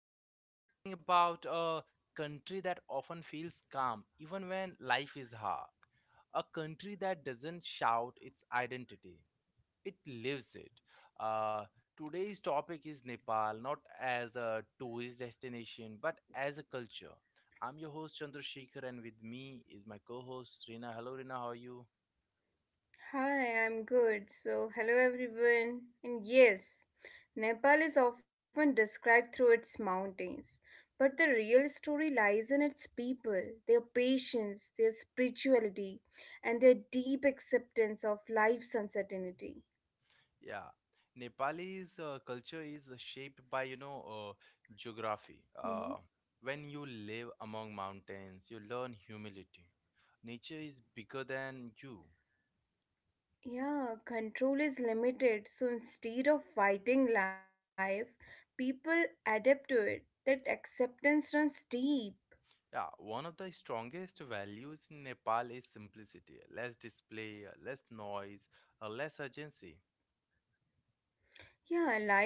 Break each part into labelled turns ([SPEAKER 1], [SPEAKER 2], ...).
[SPEAKER 1] Today we are talking about a country that often feels calm even when life is hard. A country that doesn't shout its identity, it lives it. Uh, Today's topic is Nepal, not as a tourist destination but as a culture. I'm your host Chandrasekhar, and with me is my co host Rina. Hello, Rina, how are you?
[SPEAKER 2] Hi, I'm good. So, hello everyone. And yes, Nepal is often described through its mountains, but the real story lies in its people, their patience, their spirituality, and their deep acceptance of life's uncertainty.
[SPEAKER 1] Yeah, Nepali's culture is shaped by, you know, geography.
[SPEAKER 2] Mhm.
[SPEAKER 1] When you live among mountains, you learn humility. Nature is bigger than you.
[SPEAKER 2] Yeah, control is limited, so instead of fighting life, people adapt to it. That acceptance runs deep.
[SPEAKER 1] Yeah, one of the strongest values in Nepal is simplicity. Less display, less noise, less urgency.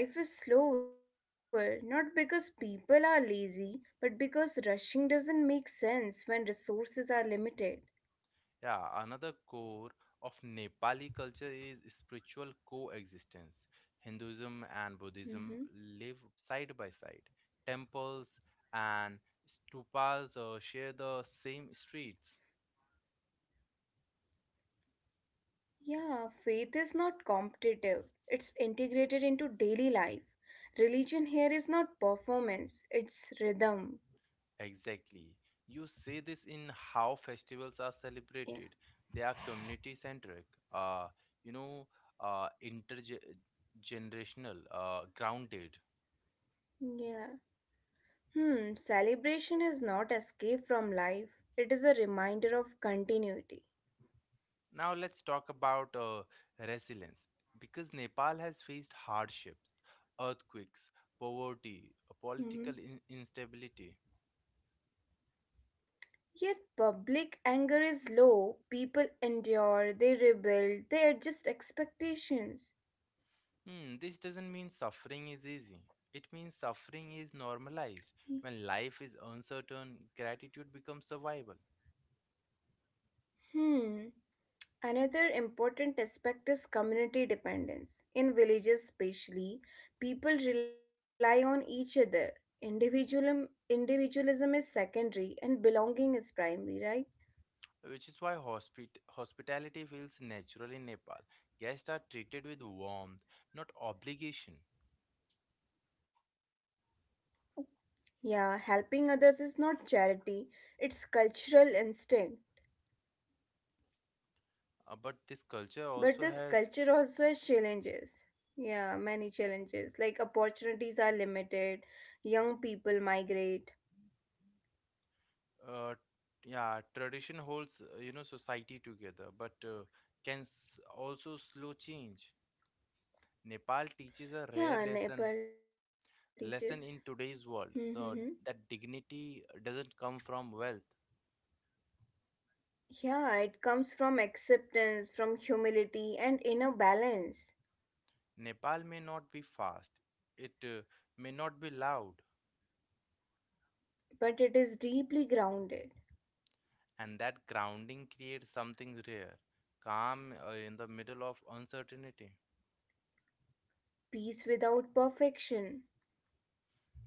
[SPEAKER 2] Yeah, life is slower, not because people are lazy, but because rushing doesn't make sense when resources are limited.
[SPEAKER 1] Yeah, another core of Nepali culture is spiritual coexistence. Hinduism and Buddhism live
[SPEAKER 2] Hmm.
[SPEAKER 1] side by side. Temples and stupas share the same streets.
[SPEAKER 2] Yeah, faith is not competitive, it's integrated into daily life. Religion here is not performance, it's rhythm.
[SPEAKER 1] Exactly. You see this in how festivals are
[SPEAKER 2] Yeah.
[SPEAKER 1] celebrated. They are community centric, uh, you know, intergenerational, grounded.
[SPEAKER 2] Yeah. Celebration is not escape from life, it is a reminder of continuity.
[SPEAKER 1] Now let's talk about resilience because Nepal has faced hardships, earthquakes, poverty,
[SPEAKER 2] Hmm.
[SPEAKER 1] political instability.
[SPEAKER 2] Yet public anger is low. People endure, they rebuild, they adjust expectations.
[SPEAKER 1] Hmm, this doesn't mean suffering is easy. It means suffering is normalized. When life is uncertain, gratitude becomes survival,
[SPEAKER 2] Hmm. Another important aspect is community dependence. In villages, especially, people rely on each other. Individualism, individualism is secondary and belonging is primary, right?
[SPEAKER 1] which is why hospitality feels natural in Nepal. Guests are treated with warmth, not obligation.
[SPEAKER 2] Yeah, helping others is not charity, it's cultural instinct.
[SPEAKER 1] But this culture
[SPEAKER 2] But
[SPEAKER 1] also
[SPEAKER 2] this
[SPEAKER 1] has
[SPEAKER 2] culture also has challenges. Yeah, many challenges. Like opportunities are limited, young people migrate.
[SPEAKER 1] Uh, yeah, tradition holds, society together, but can also slow change. Nepal teaches a rare
[SPEAKER 2] Yeah,
[SPEAKER 1] lesson
[SPEAKER 2] Nepal teaches.
[SPEAKER 1] lesson in today's
[SPEAKER 2] Mm-hmm.
[SPEAKER 1] world, the that dignity doesn't come from wealth.
[SPEAKER 2] Yeah, it comes from acceptance, from humility, and inner balance.
[SPEAKER 1] Nepal may not be fast, it may not be loud,
[SPEAKER 2] But it is deeply grounded.
[SPEAKER 1] and that grounding creates something rare, calm in the middle of uncertainty.
[SPEAKER 2] Peace without perfection.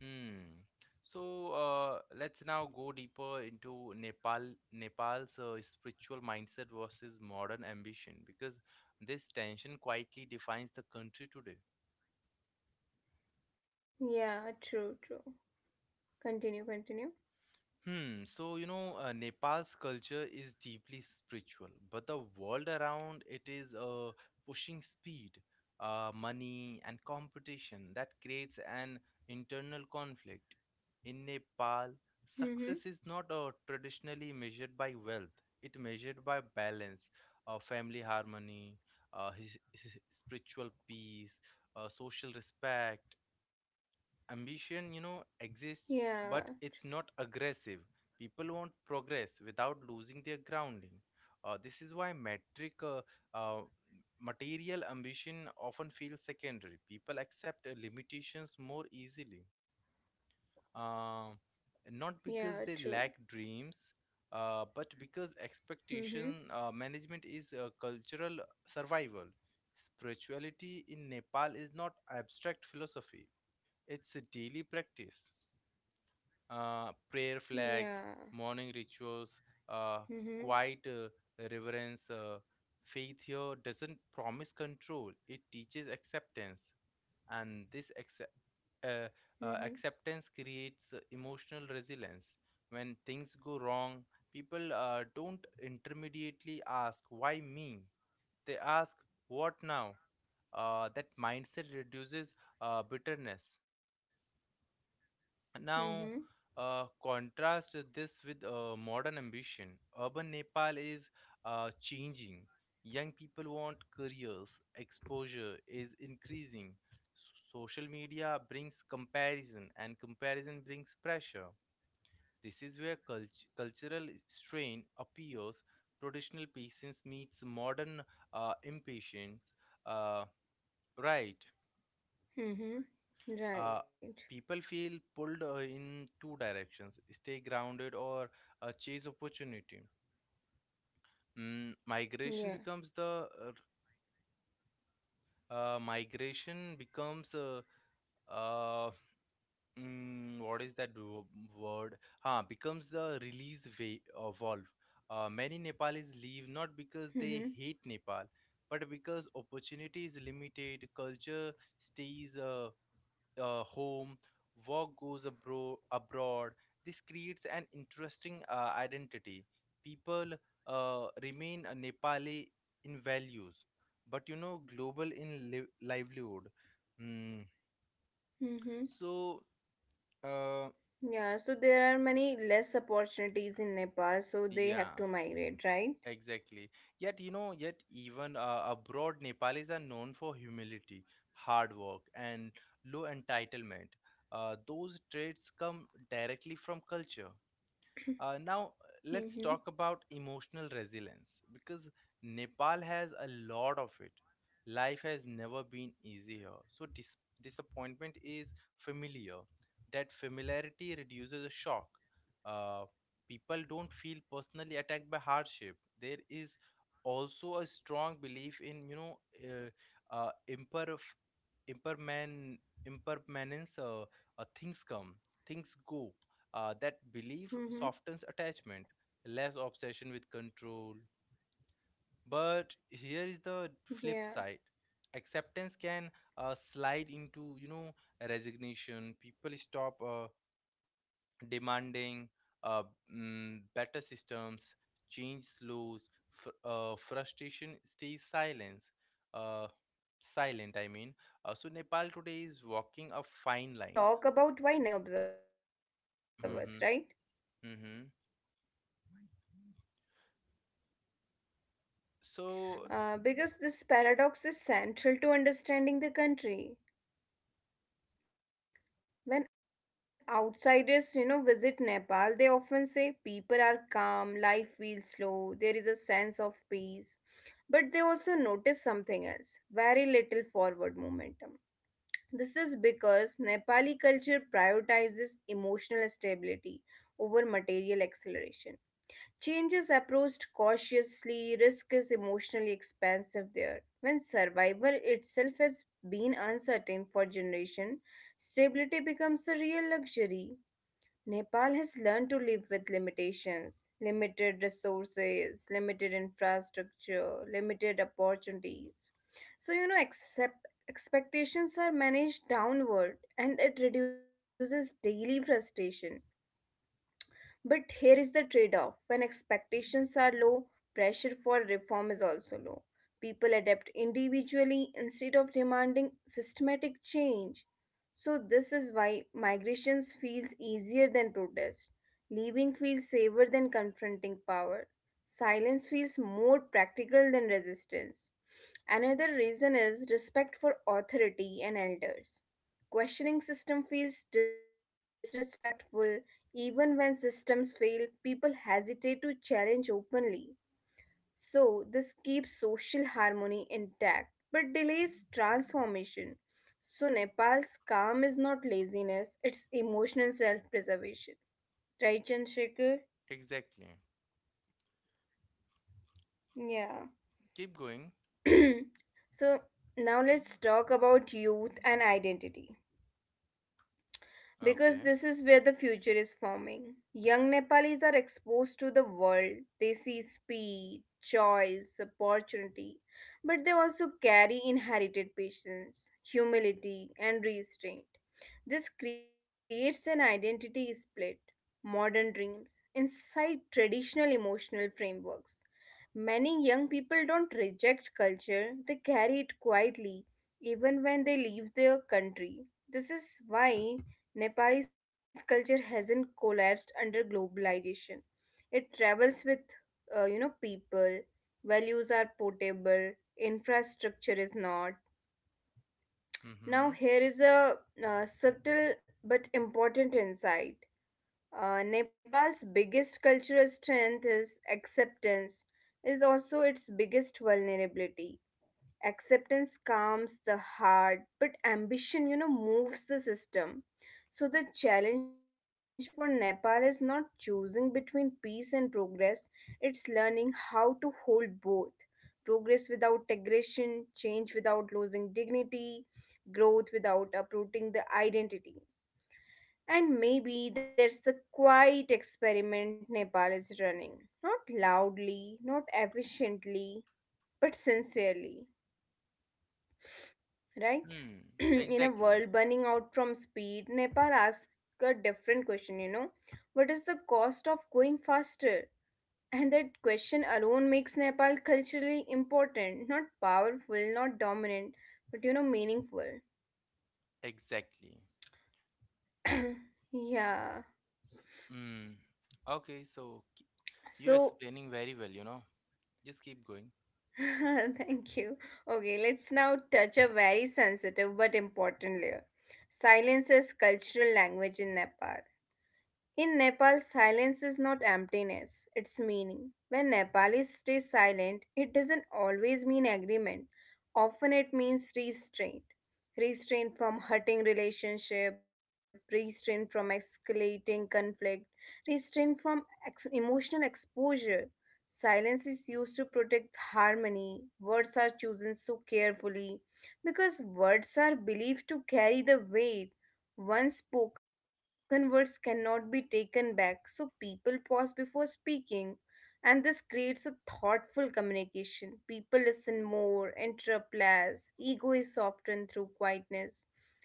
[SPEAKER 1] Hmm. So let's now go deeper into Nepal, Nepal's spiritual mindset versus modern ambition, because this tension quietly defines the country today.
[SPEAKER 2] Yeah, true, true. Continue, continue.
[SPEAKER 1] Hmm. So, you know, Nepal's culture is deeply spiritual, but the world around it is pushing speed, money, and competition that creates an internal conflict. In Nepal,
[SPEAKER 2] Mm-hmm.
[SPEAKER 1] success is not traditionally measured by wealth, it measured by balance, family harmony, his spiritual peace, social respect ambition, you know, exists,
[SPEAKER 2] Yeah,
[SPEAKER 1] but it's not aggressive. People want progress without losing their grounding. This is why metric uh, Material ambition often feels secondary. People accept limitations more easily, uh,
[SPEAKER 2] yeah, true.
[SPEAKER 1] not because they lack dreams, but because
[SPEAKER 2] Mm-hmm.
[SPEAKER 1] expectation management is cultural survival. Spirituality in Nepal is not abstract philosophy, it's a daily practice. Prayer
[SPEAKER 2] Yeah.
[SPEAKER 1] flags, morning rituals, uh,
[SPEAKER 2] Mm-hmm.
[SPEAKER 1] quiet reverence. Faith here doesn't promise control, it teaches acceptance. And this uh,
[SPEAKER 2] Mm-hmm.
[SPEAKER 1] acceptance creates emotional resilience. When things go wrong, people don't intermediately ask, "Why me?" They ask, "What now?" That mindset reduces bitterness.
[SPEAKER 2] Mm-hmm.
[SPEAKER 1] Now, contrast this with modern ambition. Urban Nepal is changing. Young people want careers, exposure is increasing. Social media brings comparison, and comparison brings pressure. This is where cultural strain appears. Traditional patience meets modern impatience. Uh, right.
[SPEAKER 2] Mm-hmm. Right.
[SPEAKER 1] uh, People feel pulled in two directions: stay grounded or chase opportunity. mm, migration
[SPEAKER 2] Yeah.
[SPEAKER 1] becomes the uh, Migration becomes uh, what is that word, huh, becomes the release way valve. Many Nepalis leave not because
[SPEAKER 2] Mm-hmm.
[SPEAKER 1] they hate Nepal, but because opportunity is limited. Culture stays home, work goes abroad. This creates an interesting identity. People remain a Nepali in values, but, you know, global in livelihood. Mm.
[SPEAKER 2] Mm-hmm.
[SPEAKER 1] So, uh,
[SPEAKER 2] Yeah. So there are many less opportunities in Nepal, so they have
[SPEAKER 1] yeah,
[SPEAKER 2] to migrate, right?
[SPEAKER 1] exactly. Yet, you know, yet even abroad, Nepalis are known for humility, hard work, and low entitlement. Those traits come directly from culture. Now, let's
[SPEAKER 2] Mm-hmm.
[SPEAKER 1] talk about emotional resilience because Nepal has a lot of it. Life has never been easier. So, disappointment is familiar. That familiarity reduces the shock. Uh, People don't feel personally attacked by hardship. There is also a strong belief in, you know, uh, imperf- imperman- impermanence, things come, things go. That belief
[SPEAKER 2] Mm-hmm.
[SPEAKER 1] softens attachment, less obsession with control. But here is the flip side.
[SPEAKER 2] Yeah.
[SPEAKER 1] Acceptance can slide into, you know, resignation. People stop demanding uh, better systems, change slows, frustration stays silence. Uh, Silent, I
[SPEAKER 2] Yeah.
[SPEAKER 1] mean. So
[SPEAKER 2] Let's
[SPEAKER 1] Nepal
[SPEAKER 2] now
[SPEAKER 1] today
[SPEAKER 2] talk
[SPEAKER 1] is
[SPEAKER 2] about
[SPEAKER 1] walking
[SPEAKER 2] why
[SPEAKER 1] a fine
[SPEAKER 2] Nepal
[SPEAKER 1] line.
[SPEAKER 2] feels peaceful yet stuck to many observers,
[SPEAKER 1] Mm-hmm,
[SPEAKER 2] right?
[SPEAKER 1] mm-hmm. So
[SPEAKER 2] Because this paradox is central to understanding the country. When outsiders visit Nepal, they often say people are calm, life feels slow, there is a sense of peace. But they also notice something else very little forward momentum. This is because Nepali culture prioritizes emotional stability over material acceleration. Change is approached cautiously, risk is emotionally expensive there. When survival itself has been uncertain for generation, stability becomes a real luxury. Nepal has learned to live with limitations, limited resources, limited infrastructure, limited opportunities. So, accept, expectations are managed downward and it reduces daily frustration. But here is the trade off when expectations are low, pressure for reform is also low. People adapt individually instead of demanding systematic change. So, this is why migrations feels easier than protest. Leaving feels safer than confronting power. Silence feels more practical than resistance. Another reason is respect for authority and elders. Questioning system feels disrespectful even when systems fail, people hesitate to challenge openly. So this keeps social harmony intact but delays transformation. So Nepal's calm is not laziness, it's emotional self-preservation. Right, Chandrasekhar?
[SPEAKER 1] exactly.
[SPEAKER 2] Yeah.
[SPEAKER 1] Keep going.
[SPEAKER 2] So now let's talk about youth and identity, because
[SPEAKER 1] Okay.
[SPEAKER 2] this is where the future is forming. Young Nepalis are exposed to the world. They see speed, choice, opportunity, but they also carry inherited patience, humility, and restraint. This creates an identity split, modern dreams, inside traditional emotional frameworks. Many young people don't reject culture, they carry it quietly, even when they leave their country. This is why Nepalese culture hasn't collapsed under globalization. It travels with people, values are portable, infrastructure is not. Now,
[SPEAKER 1] Mm-hmm.
[SPEAKER 2] here is a subtle but important insight. Nepal's biggest cultural strength is acceptance, is also its biggest vulnerability. Acceptance calms the heart, but ambition moves the system. So the challenge for Nepal is not choosing between peace and progress, it's learning how to hold both. Progress without aggression, change without losing dignity, growth without uprooting the identity. And maybe there's the quiet experiment Nepal is running, not loudly, not efficiently, but sincerely, right?
[SPEAKER 1] Hmm.
[SPEAKER 2] In a
[SPEAKER 1] Exactly.
[SPEAKER 2] world burning out from speed, Nepal asked a different question. What is the cost of going faster? And that question alone makes Nepal culturally important, not powerful, not dominant, but meaningful.
[SPEAKER 1] Exactly.
[SPEAKER 2] Yeah.
[SPEAKER 1] Mm. Okay, you're
[SPEAKER 2] So,
[SPEAKER 1] explaining very well, you know. Just keep going.
[SPEAKER 2] thank you. Okay, let's now touch a very sensitive but important layer. Silence is cultural language in Nepal. In Nepal, silence is not emptiness, it's meaning. When Nepalis stay silent, it doesn't always mean agreement. Often it means restraint. Restraint from hurting relationship, restraint from escalating conflict, restraint from emotional exposure. Silence is used to protect harmony. Words are chosen so carefully because words are believed to carry the weight once spoken words cannot be taken back, so people pause before speaking, and this creates a thoughtful communication. People listen more, interrupt less, ego is softened through quietness.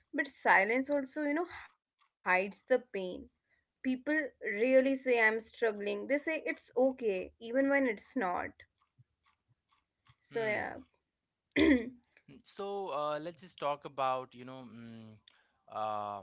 [SPEAKER 2] But silence also hides the pain. People really say, I'm struggling. They say it's okay, even when it's not. So, yeah.
[SPEAKER 1] Hmm. Mm. So let's just talk about, you know, uh,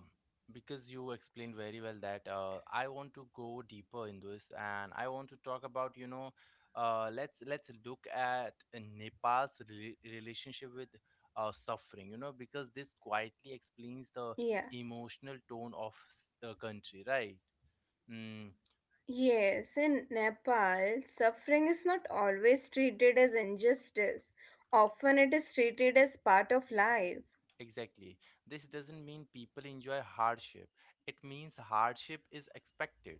[SPEAKER 1] because you explained very well that I want to go deeper in this, and I want to talk about, you know, let's look at Nepal's relationship with suffering, you know, because this quietly explains the
[SPEAKER 2] Yeah.
[SPEAKER 1] emotional tone of a country, right? Mm,
[SPEAKER 2] Yes, in Nepal, suffering is not always treated as injustice. Often it is treated as part of life.
[SPEAKER 1] exactly. This doesn't mean people enjoy hardship. It means hardship is expected.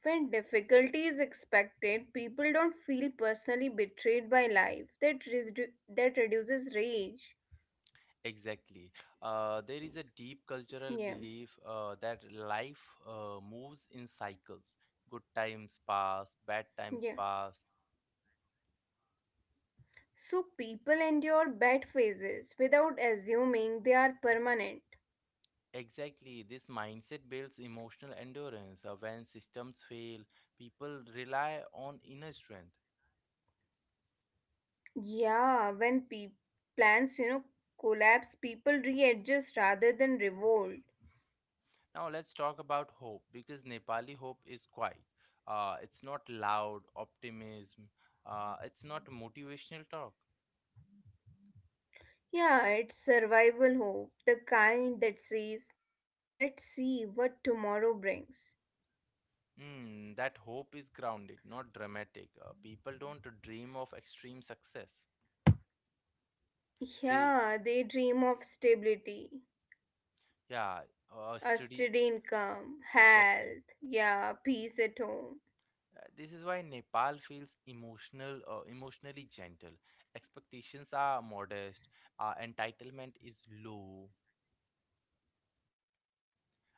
[SPEAKER 2] When difficulty is expected, people don't feel personally betrayed by life. That reduces rage.
[SPEAKER 1] Exactly. There is a deep cultural
[SPEAKER 2] Yeah,
[SPEAKER 1] belief that life moves in cycles. Good times pass, bad times
[SPEAKER 2] yeah.
[SPEAKER 1] pass.
[SPEAKER 2] So people endure bad phases without assuming they are permanent.
[SPEAKER 1] Exactly. This mindset builds emotional endurance. When systems fail, people rely on inner strength.
[SPEAKER 2] Yeah, when plans, collapse, people readjust rather than revolt.
[SPEAKER 1] Now, let's talk about hope because Nepali hope is quiet. It's not loud optimism, it's not motivational talk.
[SPEAKER 2] Yeah, it's survival hope, the kind that says, let's see what tomorrow brings.
[SPEAKER 1] Hmm, that hope is grounded, not dramatic. People don't dream of extreme success. They,
[SPEAKER 2] Yeah, they dream of stability,
[SPEAKER 1] yeah,
[SPEAKER 2] a
[SPEAKER 1] study
[SPEAKER 2] steady income,
[SPEAKER 1] exactly.
[SPEAKER 2] health, yeah, peace at home.
[SPEAKER 1] This is why Nepal feels emotionally gentle. Expectations are modest. Entitlement is low,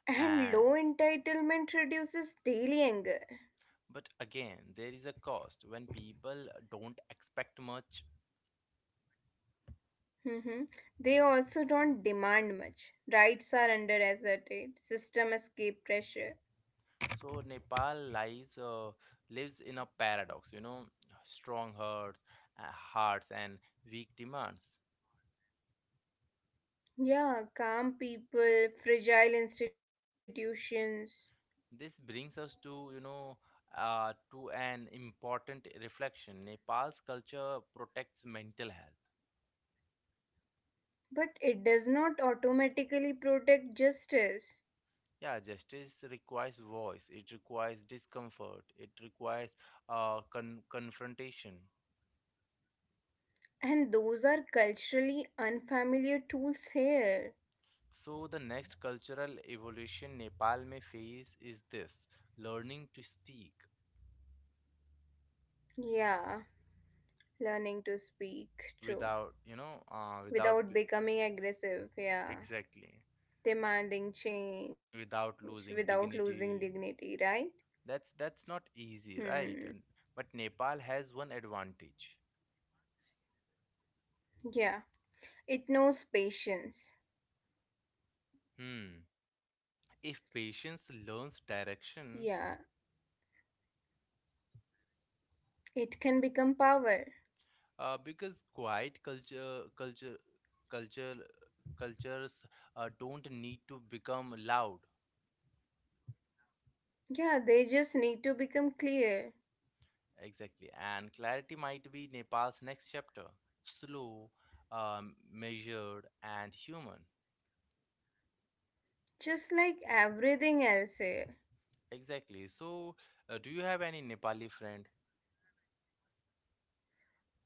[SPEAKER 2] And
[SPEAKER 1] and
[SPEAKER 2] low entitlement reduces daily anger.
[SPEAKER 1] but again, there is a cost when people don't expect much.
[SPEAKER 2] Hmm. They also don't demand much. Rights are under asserted, system escape pressure.
[SPEAKER 1] So Nepal lives in a paradox, you know, strong hearts and weak demands.
[SPEAKER 2] Yeah, calm people, fragile institutions.
[SPEAKER 1] This brings us to, you know, to an important reflection. Nepal's culture protects mental health.
[SPEAKER 2] But it does not automatically protect justice.
[SPEAKER 1] Yeah, justice requires voice. It requires discomfort. It requires confrontation.
[SPEAKER 2] And those are culturally unfamiliar tools here.
[SPEAKER 1] So the next cultural evolution Nepal may face is this: learning to speak,
[SPEAKER 2] Yeah, learning to speak, true.
[SPEAKER 1] without, you know, without
[SPEAKER 2] Without
[SPEAKER 1] b-
[SPEAKER 2] becoming aggressive, yeah.
[SPEAKER 1] exactly,
[SPEAKER 2] Demanding change
[SPEAKER 1] without
[SPEAKER 2] without
[SPEAKER 1] losing
[SPEAKER 2] losing dignity,
[SPEAKER 1] dignity.
[SPEAKER 2] right?
[SPEAKER 1] That's not easy,
[SPEAKER 2] Hmm.
[SPEAKER 1] right? And but Nepal has one advantage.
[SPEAKER 2] Yeah. It knows patience.
[SPEAKER 1] Hmm. If patience learns
[SPEAKER 2] Yeah.
[SPEAKER 1] direction.
[SPEAKER 2] It can become power.
[SPEAKER 1] Uh, because quiet culture culture culture cultures don't need to become loud.
[SPEAKER 2] Yeah, they just need to become clear.
[SPEAKER 1] Exactly, and clarity might be Nepal's next chapter: slow, measured, and human.
[SPEAKER 2] Just like everything else here.
[SPEAKER 1] Exactly. So, do you have any Nepali friend?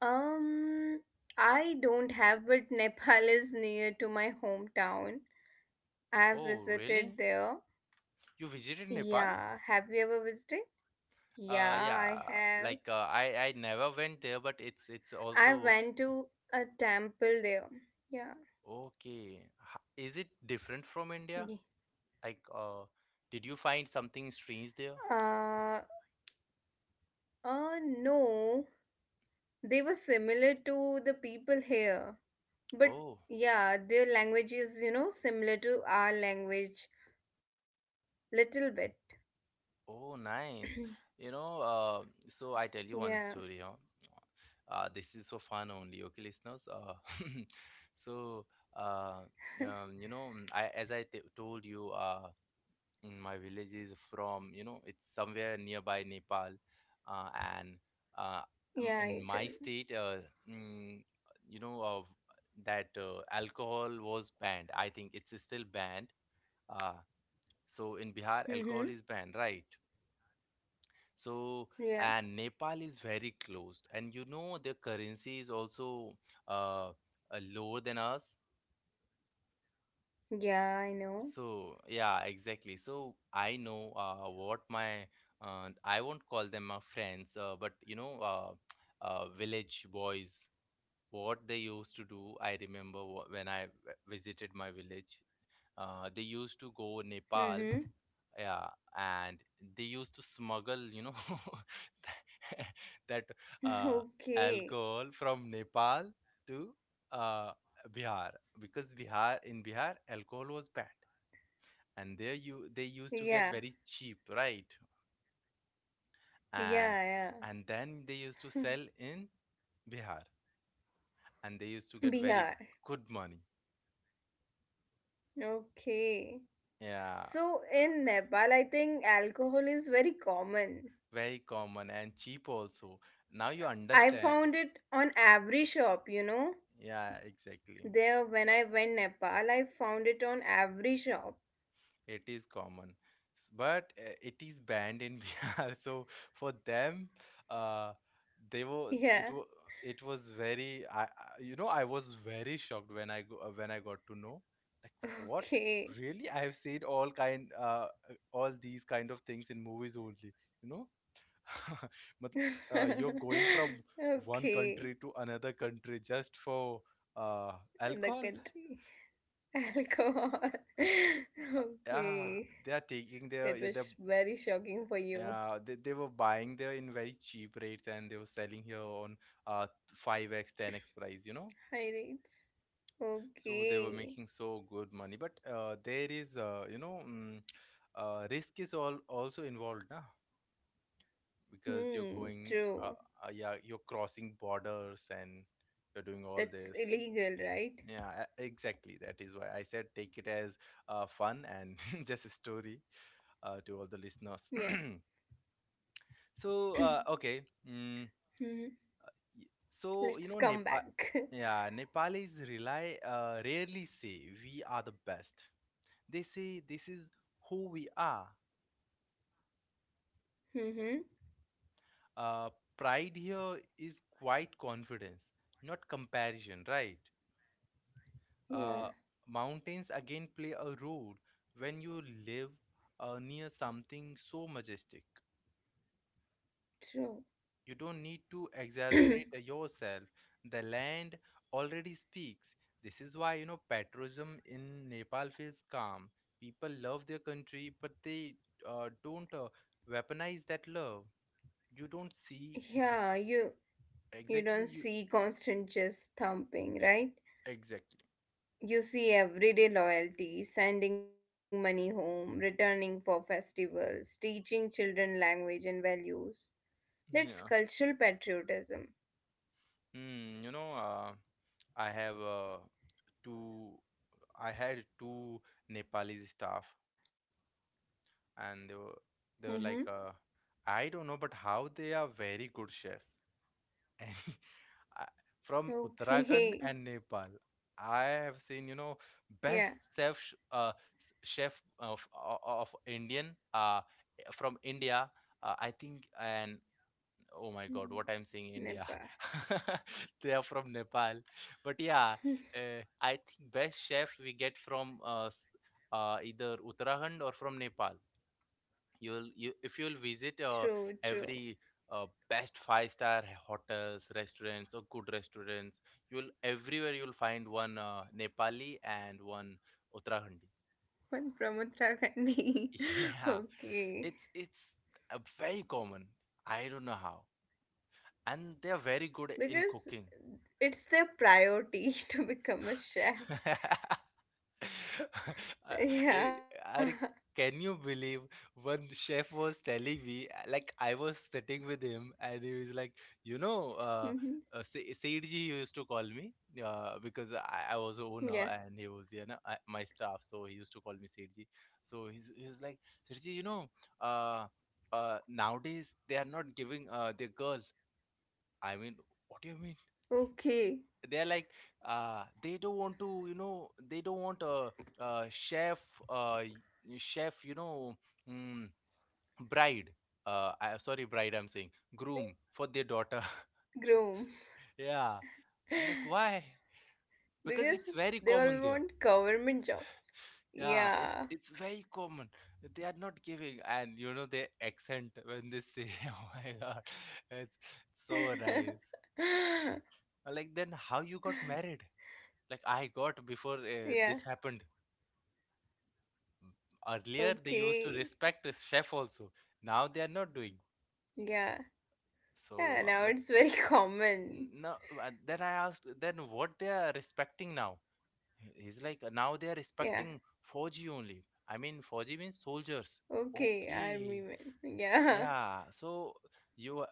[SPEAKER 2] Um, I don't have, but Nepal is near to my hometown. I have
[SPEAKER 1] Oh, really?
[SPEAKER 2] visited there.
[SPEAKER 1] You visited Nepal?
[SPEAKER 2] Yeah, have you ever visited? Yeah,
[SPEAKER 1] Yeah.
[SPEAKER 2] I have.
[SPEAKER 1] Like, I never went there, but it's
[SPEAKER 2] I
[SPEAKER 1] also
[SPEAKER 2] went to a temple there. Yeah.
[SPEAKER 1] okay. Is it different from India?
[SPEAKER 2] Ye-
[SPEAKER 1] Like, did you find something strange there?
[SPEAKER 2] Uh, uh, no. They were similar to the people here. But
[SPEAKER 1] Oh,
[SPEAKER 2] yeah, their language is similar to our language. Little bit.
[SPEAKER 1] oh, nice. You know, so I tell you
[SPEAKER 2] Yeah.
[SPEAKER 1] one story, huh? This is for fun only, okay, listeners? So, uh, you know, I, as I t told you, my village is from, you know, it's somewhere nearby Nepal, uh, and uh,
[SPEAKER 2] Yeah, it
[SPEAKER 1] in my
[SPEAKER 2] will.
[SPEAKER 1] state, mm, you know of that alcohol was banned. I think it's still banned. uh, so in Bihar
[SPEAKER 2] Mm-hmm.
[SPEAKER 1] alcohol is banned, right? So,
[SPEAKER 2] Yeah.
[SPEAKER 1] and Nepal is very closed, and, you know, their currency is also lower than us.
[SPEAKER 2] Yeah, I know.
[SPEAKER 1] So yeah, exactly. So I know what my I won't call them my friends, but, you know, village boys, what they used to do. I remember when I visited my village, they used to go Nepal,
[SPEAKER 2] Mm-hmm.
[SPEAKER 1] yeah, and they used to smuggle, you know, that uh,
[SPEAKER 2] Okay.
[SPEAKER 1] alcohol from Nepal to uh, Bihar, because Bihar in Bihar alcohol was banned, and there you they used to get
[SPEAKER 2] Yeah.
[SPEAKER 1] very cheap, right? and
[SPEAKER 2] Yeah, yeah.
[SPEAKER 1] and then they used to sell in Bihar, and they used to get very
[SPEAKER 2] Bihar.
[SPEAKER 1] good money.
[SPEAKER 2] Okay.
[SPEAKER 1] Yeah,
[SPEAKER 2] So in Nepal, I think alcohol is very common.
[SPEAKER 1] very common and cheap also. Now you
[SPEAKER 2] I
[SPEAKER 1] understand.
[SPEAKER 2] found it on every shop.
[SPEAKER 1] Yeah, exactly.
[SPEAKER 2] There, when I went Nepal, I found it on every shop.
[SPEAKER 1] It is common. But it is banned in Bihar. So for them, uh, they were
[SPEAKER 2] Yeah.
[SPEAKER 1] it was very I you know, I was very shocked when when I got to know, like, what.
[SPEAKER 2] Okay.
[SPEAKER 1] Really, I have seen all kind all these kind of things in movies only, you know. Matl- you're going from one
[SPEAKER 2] Okay.
[SPEAKER 1] country to another country just for uh
[SPEAKER 2] In the
[SPEAKER 1] alcohol.
[SPEAKER 2] country. Alcohol.
[SPEAKER 1] Yeah,
[SPEAKER 2] Okay.
[SPEAKER 1] they are taking their
[SPEAKER 2] That was
[SPEAKER 1] their
[SPEAKER 2] very shocking for you.
[SPEAKER 1] yeah, they were buying there in very cheap rates and they were selling here on uh 5x, 10x price, you know.
[SPEAKER 2] Pirates.
[SPEAKER 1] So they were
[SPEAKER 2] Okay.
[SPEAKER 1] making so good money. But there is you know, risk is all also involved, na? Because you're
[SPEAKER 2] Hmm.
[SPEAKER 1] going
[SPEAKER 2] True.
[SPEAKER 1] yeah, you're crossing borders and you're doing all
[SPEAKER 2] That's
[SPEAKER 1] this.
[SPEAKER 2] illegal, right?
[SPEAKER 1] Yeah, exactly. That is why I said take it as fun and just a story to all the listeners.
[SPEAKER 2] Yeah.
[SPEAKER 1] So, okay. Mm.
[SPEAKER 2] Mhm.
[SPEAKER 1] So, you
[SPEAKER 2] Let's
[SPEAKER 1] know,
[SPEAKER 2] come
[SPEAKER 1] Nepal,
[SPEAKER 2] back.
[SPEAKER 1] yeah, Nepalis rely rarely say, "We are the best." They say, "This is who we are."
[SPEAKER 2] Mm-hmm.
[SPEAKER 1] Uh, Pride here is quite confidence, not comparison, right?
[SPEAKER 2] Yeah.
[SPEAKER 1] Uh, Mountains again play a role when you live near something so majestic.
[SPEAKER 2] True.
[SPEAKER 1] You don't need to exaggerate yourself. The land already speaks. This is why, patriotism in Nepal feels calm. People love their country, but they don't weaponize that love. You don't see
[SPEAKER 2] Yeah. You
[SPEAKER 1] exactly
[SPEAKER 2] don't
[SPEAKER 1] you
[SPEAKER 2] see constant just thumping, right?
[SPEAKER 1] exactly.
[SPEAKER 2] You see everyday loyalty, sending money home, returning for festivals, teaching children language and values. That's
[SPEAKER 1] Yeah.
[SPEAKER 2] cultural patriotism.
[SPEAKER 1] Mm, you know, uh, I have two. I had two Nepalese staff, and they
[SPEAKER 2] Mm-hmm.
[SPEAKER 1] were they were like, I don't know, but how they are very good chefs. And I- from
[SPEAKER 2] Okay.
[SPEAKER 1] Uttarakhand and Nepal, I have seen,
[SPEAKER 2] Yeah.
[SPEAKER 1] best chef of Indian from India. I think, and oh my
[SPEAKER 2] Hmm,
[SPEAKER 1] God, what I'm saying, India.
[SPEAKER 2] Nepal.
[SPEAKER 1] They are from Nepal, but yeah, I think best chefs we get from either Uttarakhand or from Nepal. You'll you If you'll visit
[SPEAKER 2] True, true.
[SPEAKER 1] every best five-star hotels restaurants or good restaurants, you'll everywhere you'll find one Nepali and one Uttarakhandi.
[SPEAKER 2] One from Uttarakhandi.
[SPEAKER 1] Yeah,
[SPEAKER 2] Okay.
[SPEAKER 1] it's very common. I don't know how, and they are very good in
[SPEAKER 2] Because
[SPEAKER 1] cooking.
[SPEAKER 2] it's their priority to become a chef.
[SPEAKER 1] Uh, eh,
[SPEAKER 2] Yeah.
[SPEAKER 1] Are, can you believe one chef was telling me, like I was sitting with him and he was like, you know, uh,
[SPEAKER 2] Mhm.
[SPEAKER 1] Said ji used to call me, because I was a owner
[SPEAKER 2] Yeah.
[SPEAKER 1] and he was, my staff, so he used to call me Said ji. So he was like, Said ji, uh, nowadays they are not giving their girl. I mean, what do you mean?
[SPEAKER 2] Okay.
[SPEAKER 1] They're like, they don't want to, they don't want a chef, uh y- chef, you know, mm, bride, I, sorry, bride I'm saying, groom for their daughter.
[SPEAKER 2] Groom.
[SPEAKER 1] Yeah, I'm like, why? Because
[SPEAKER 2] Because
[SPEAKER 1] it's very
[SPEAKER 2] they
[SPEAKER 1] common
[SPEAKER 2] all
[SPEAKER 1] there.
[SPEAKER 2] want government jobs.
[SPEAKER 1] Yeah, it,
[SPEAKER 2] Yeah.
[SPEAKER 1] it's very common, they are not giving. And you know their accent when they say, oh my God, it's so nice. I'm like, then how you got married? Like, I got before
[SPEAKER 2] Yeah.
[SPEAKER 1] this happened. Earlier they used to
[SPEAKER 2] Okay.
[SPEAKER 1] respect a chef also, now they are not doing.
[SPEAKER 2] Yeah.
[SPEAKER 1] So
[SPEAKER 2] Yeah. Now
[SPEAKER 1] like
[SPEAKER 2] it's
[SPEAKER 1] that,
[SPEAKER 2] very common.
[SPEAKER 1] no. Then I asked, then what they are respecting now? He's like, now they are
[SPEAKER 2] Yeah.
[SPEAKER 1] respecting 4G only. I mean, 4G means soldiers.
[SPEAKER 2] Okay. Army
[SPEAKER 1] Okay.
[SPEAKER 2] men. Yeah.
[SPEAKER 1] Yeah. So you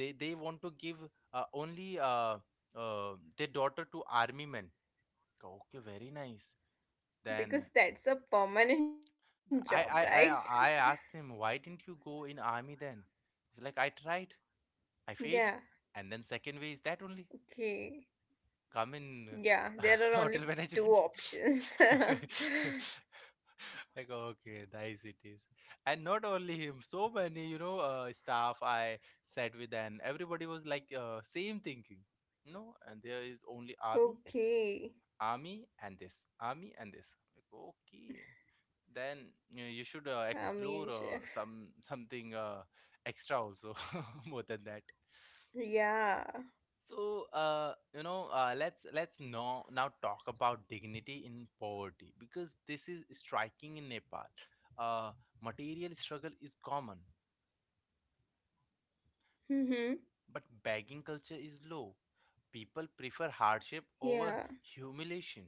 [SPEAKER 1] they want to give only their daughter to army men. Okay, very nice. Then
[SPEAKER 2] Because that's a permanent job, right?
[SPEAKER 1] I asked him, why didn't you go in army then? He's like, I tried, I
[SPEAKER 2] Yeah,
[SPEAKER 1] failed, and then second way is that only,
[SPEAKER 2] okay.
[SPEAKER 1] come in
[SPEAKER 2] Yeah,
[SPEAKER 1] uh,
[SPEAKER 2] there are only
[SPEAKER 1] hotel
[SPEAKER 2] two
[SPEAKER 1] management.
[SPEAKER 2] options.
[SPEAKER 1] Like, okay, nice it is. And not only him, so many, staff I sat with, and everybody was like, same thinking, and there is only army,
[SPEAKER 2] Okay,
[SPEAKER 1] army and this, army and this. I'm like, okay, then you should
[SPEAKER 2] army
[SPEAKER 1] explore
[SPEAKER 2] and chef.
[SPEAKER 1] something extra also. More than that.
[SPEAKER 2] Yeah.
[SPEAKER 1] So, let's now talk about dignity in poverty, because this is striking in Nepal. uh, Material struggle is common,
[SPEAKER 2] Mm-hmm.
[SPEAKER 1] but begging culture is low. People prefer hardship over
[SPEAKER 2] Yeah.
[SPEAKER 1] humiliation.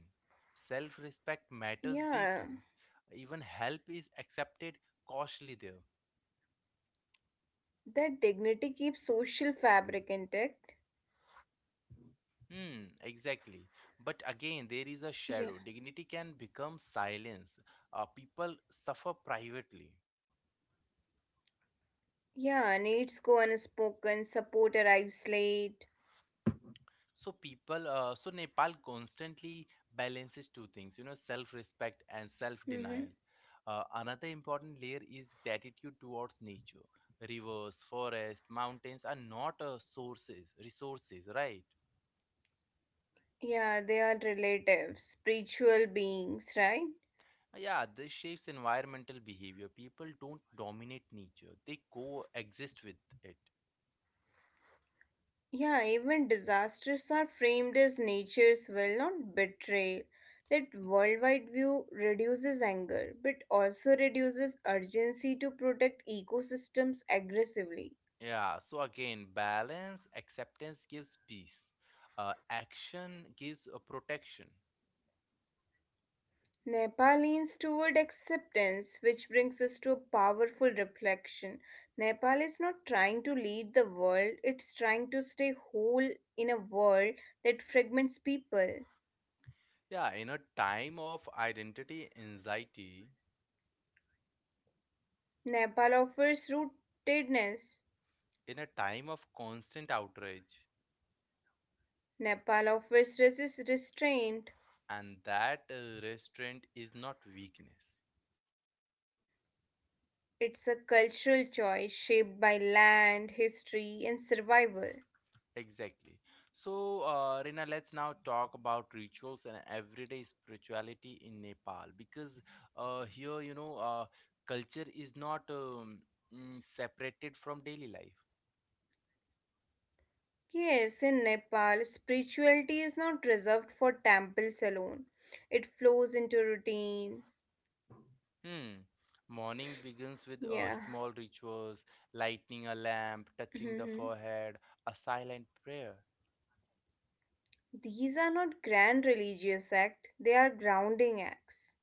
[SPEAKER 1] Self respect matters deeply.
[SPEAKER 2] Yeah.
[SPEAKER 1] Even help is accepted cautiously there.
[SPEAKER 2] That dignity keeps social fabric intact.
[SPEAKER 1] Hmm, exactly. But again, there is a shadow.
[SPEAKER 2] Yeah.
[SPEAKER 1] Dignity can become silence. People suffer privately.
[SPEAKER 2] Yeah, needs go unspoken, support arrives late.
[SPEAKER 1] So people so Nepal constantly balances two things, self respect and self denial.
[SPEAKER 2] Mm-hmm.
[SPEAKER 1] Another important layer is gratitude towards nature. Rivers, forest, mountains are not sources, resources, right?
[SPEAKER 2] Yeah, they are relatives, spiritual beings, right?
[SPEAKER 1] Yeah, this shapes environmental behavior. People don't dominate nature, they coexist with it.
[SPEAKER 2] Yeah, even disasters are framed as nature's will, not betrayal. That worldwide view reduces anger, but also reduces urgency to protect ecosystems aggressively.
[SPEAKER 1] Yeah, so again, balance. Acceptance gives peace, uh, action gives a protection.
[SPEAKER 2] Nepal leans toward acceptance, which brings us to a powerful reflection. Nepal is not trying to lead the world, it's trying to stay whole in a world that fragments people.
[SPEAKER 1] Yeah, in a time of identity anxiety,
[SPEAKER 2] Nepal offers rootedness.
[SPEAKER 1] in a time of constant outrage,
[SPEAKER 2] Nepal offers restraint.
[SPEAKER 1] and that restraint is not weakness.
[SPEAKER 2] It's a cultural choice shaped by land, history, and survival.
[SPEAKER 1] Exactly. So, Rina, let's now talk about rituals and everyday spirituality in Nepal, because here, culture is not separated from daily life.
[SPEAKER 2] Yes, in Nepal, spirituality is not reserved for temples alone, it flows into routine.
[SPEAKER 1] Hmm. Morning begins with
[SPEAKER 2] Yeah.
[SPEAKER 1] small rituals, lighting a lamp, touching the
[SPEAKER 2] Mhm.
[SPEAKER 1] forehead, a silent prayer.
[SPEAKER 2] These are not grand religious acts, they are grounding acts.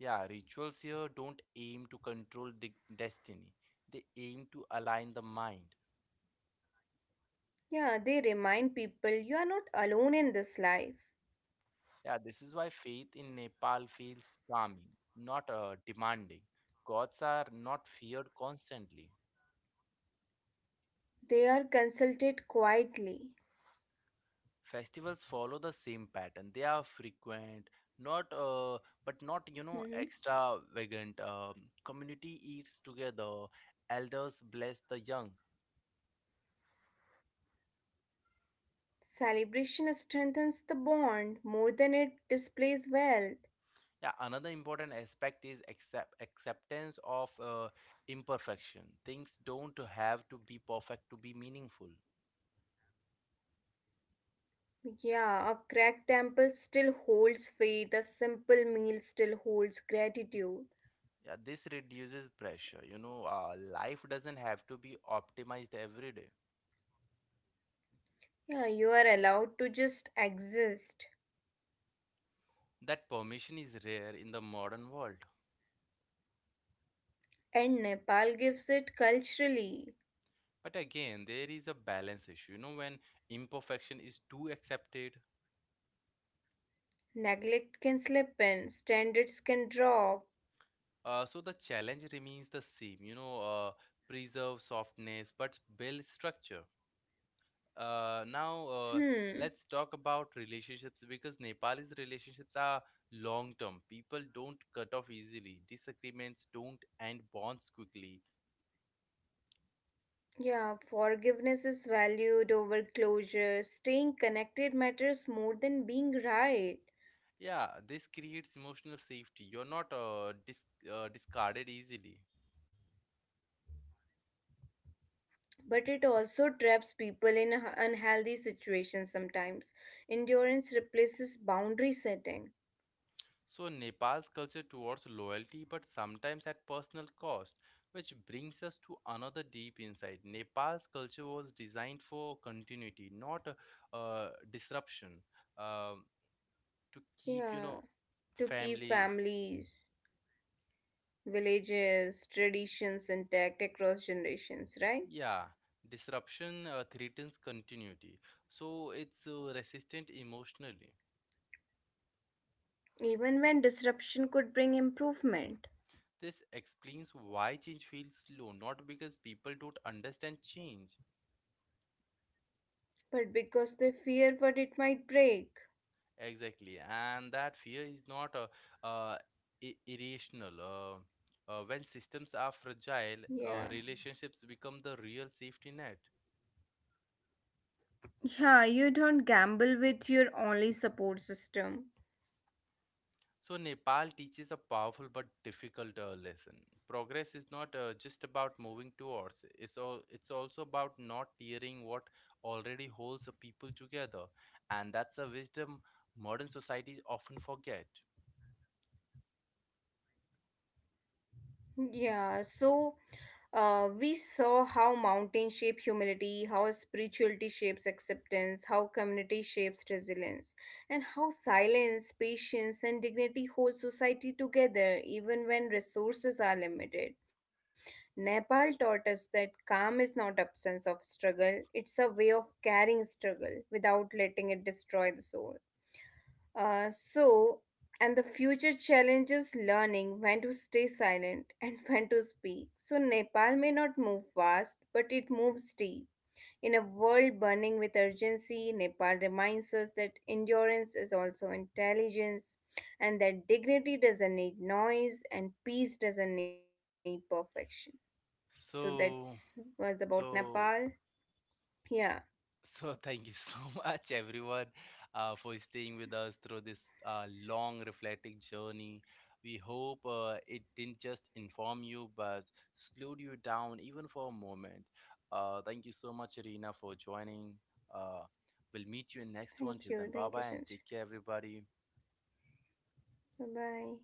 [SPEAKER 1] Yeah, rituals here don't aim to control destiny. They aim to align the mind.
[SPEAKER 2] Yeah, they remind people you are not alone in this life.
[SPEAKER 1] Yeah, this is why faith in Nepal feels calming, not demanding. Gods are not feared constantly.
[SPEAKER 2] They are consulted quietly.
[SPEAKER 1] Festivals follow the same pattern. They are frequent, not but
[SPEAKER 2] Mhm.
[SPEAKER 1] not you know extravagant. Community eats together. Elders bless the young.
[SPEAKER 2] Celebration strengthens the bond more than it displays wealth.
[SPEAKER 1] Yeah, another important aspect is acceptance of imperfection. Things don't have to be perfect to be meaningful.
[SPEAKER 2] Yeah, a cracked temple still holds faith, a simple meal still holds gratitude.
[SPEAKER 1] Yeah, this reduces pressure. Life doesn't have to be optimized every day.
[SPEAKER 2] Yeah, you are allowed to just exist.
[SPEAKER 1] That permission is rare in the modern world.
[SPEAKER 2] And Nepal gives it culturally.
[SPEAKER 1] But again, there is a balance issue, when imperfection is too accepted.
[SPEAKER 2] Neglect can slip in, standards can drop.
[SPEAKER 1] So the challenge remains the same, preserve softness but build structure. Now,
[SPEAKER 2] Hmm.
[SPEAKER 1] let's talk about relationships, because Nepali's relationships are long term. People don't cut off easily. Disagreements don't end bonds quickly.
[SPEAKER 2] Yeah, forgiveness is valued over closure. Staying connected matters more than being right.
[SPEAKER 1] Yeah, this creates emotional safety. You're not discarded easily.
[SPEAKER 2] But it also traps people in unhealthy situations sometimes. Endurance replaces boundary setting.
[SPEAKER 1] So Nepal's culture towards loyalty, but sometimes at personal cost, which brings us to another deep insight. Nepal's culture was designed for continuity, not disruption. Um to keep,
[SPEAKER 2] Yeah, to keep
[SPEAKER 1] family.
[SPEAKER 2] families, villages, traditions intact across generations, right?
[SPEAKER 1] Yeah, disruption threatens continuity, so it's resistant emotionally.
[SPEAKER 2] Even when disruption could bring improvement.
[SPEAKER 1] This explains why change feels slow, not because people don't understand change.
[SPEAKER 2] But because they fear what it might break.
[SPEAKER 1] Exactly, and that fear is not uh, irrational. When systems are fragile,
[SPEAKER 2] Yeah.
[SPEAKER 1] relationships become the real safety net.
[SPEAKER 2] Yeah, you don't gamble with your only support system.
[SPEAKER 1] So, Nepal teaches a powerful but difficult lesson. Progress is not just about moving towards, it's also about not tearing what already holds the people together. And that's a wisdom modern societies often forget.
[SPEAKER 2] Yeah, so we saw how mountains shape humility, how spirituality shapes acceptance, how community shapes resilience, and how silence, patience, and dignity hold society together even when resources are limited. Nepal taught us that calm is not absence of struggle, it's a way of carrying struggle without letting it destroy the soul. So, and the future challenges learning when to stay silent and when to speak. So, Nepal may not move fast, but it moves deep. In a world burning with urgency, Nepal reminds us that endurance is also intelligence and that dignity doesn't need noise and peace doesn't need perfection. So, that's
[SPEAKER 1] So,
[SPEAKER 2] was about Nepal.
[SPEAKER 1] so
[SPEAKER 2] Yeah.
[SPEAKER 1] So, thank you so much, everyone, for staying with us through this long reflecting journey. We hope it didn't just inform you, but slowed you down even for a moment. Thank you so much, Irina, for joining. Uh, we'll meet you in next one.
[SPEAKER 2] Thank
[SPEAKER 1] Till then,
[SPEAKER 2] you.
[SPEAKER 1] bye
[SPEAKER 2] Thank you,
[SPEAKER 1] bye, and
[SPEAKER 2] Sanjay.
[SPEAKER 1] take care, everybody.
[SPEAKER 2] Bye bye.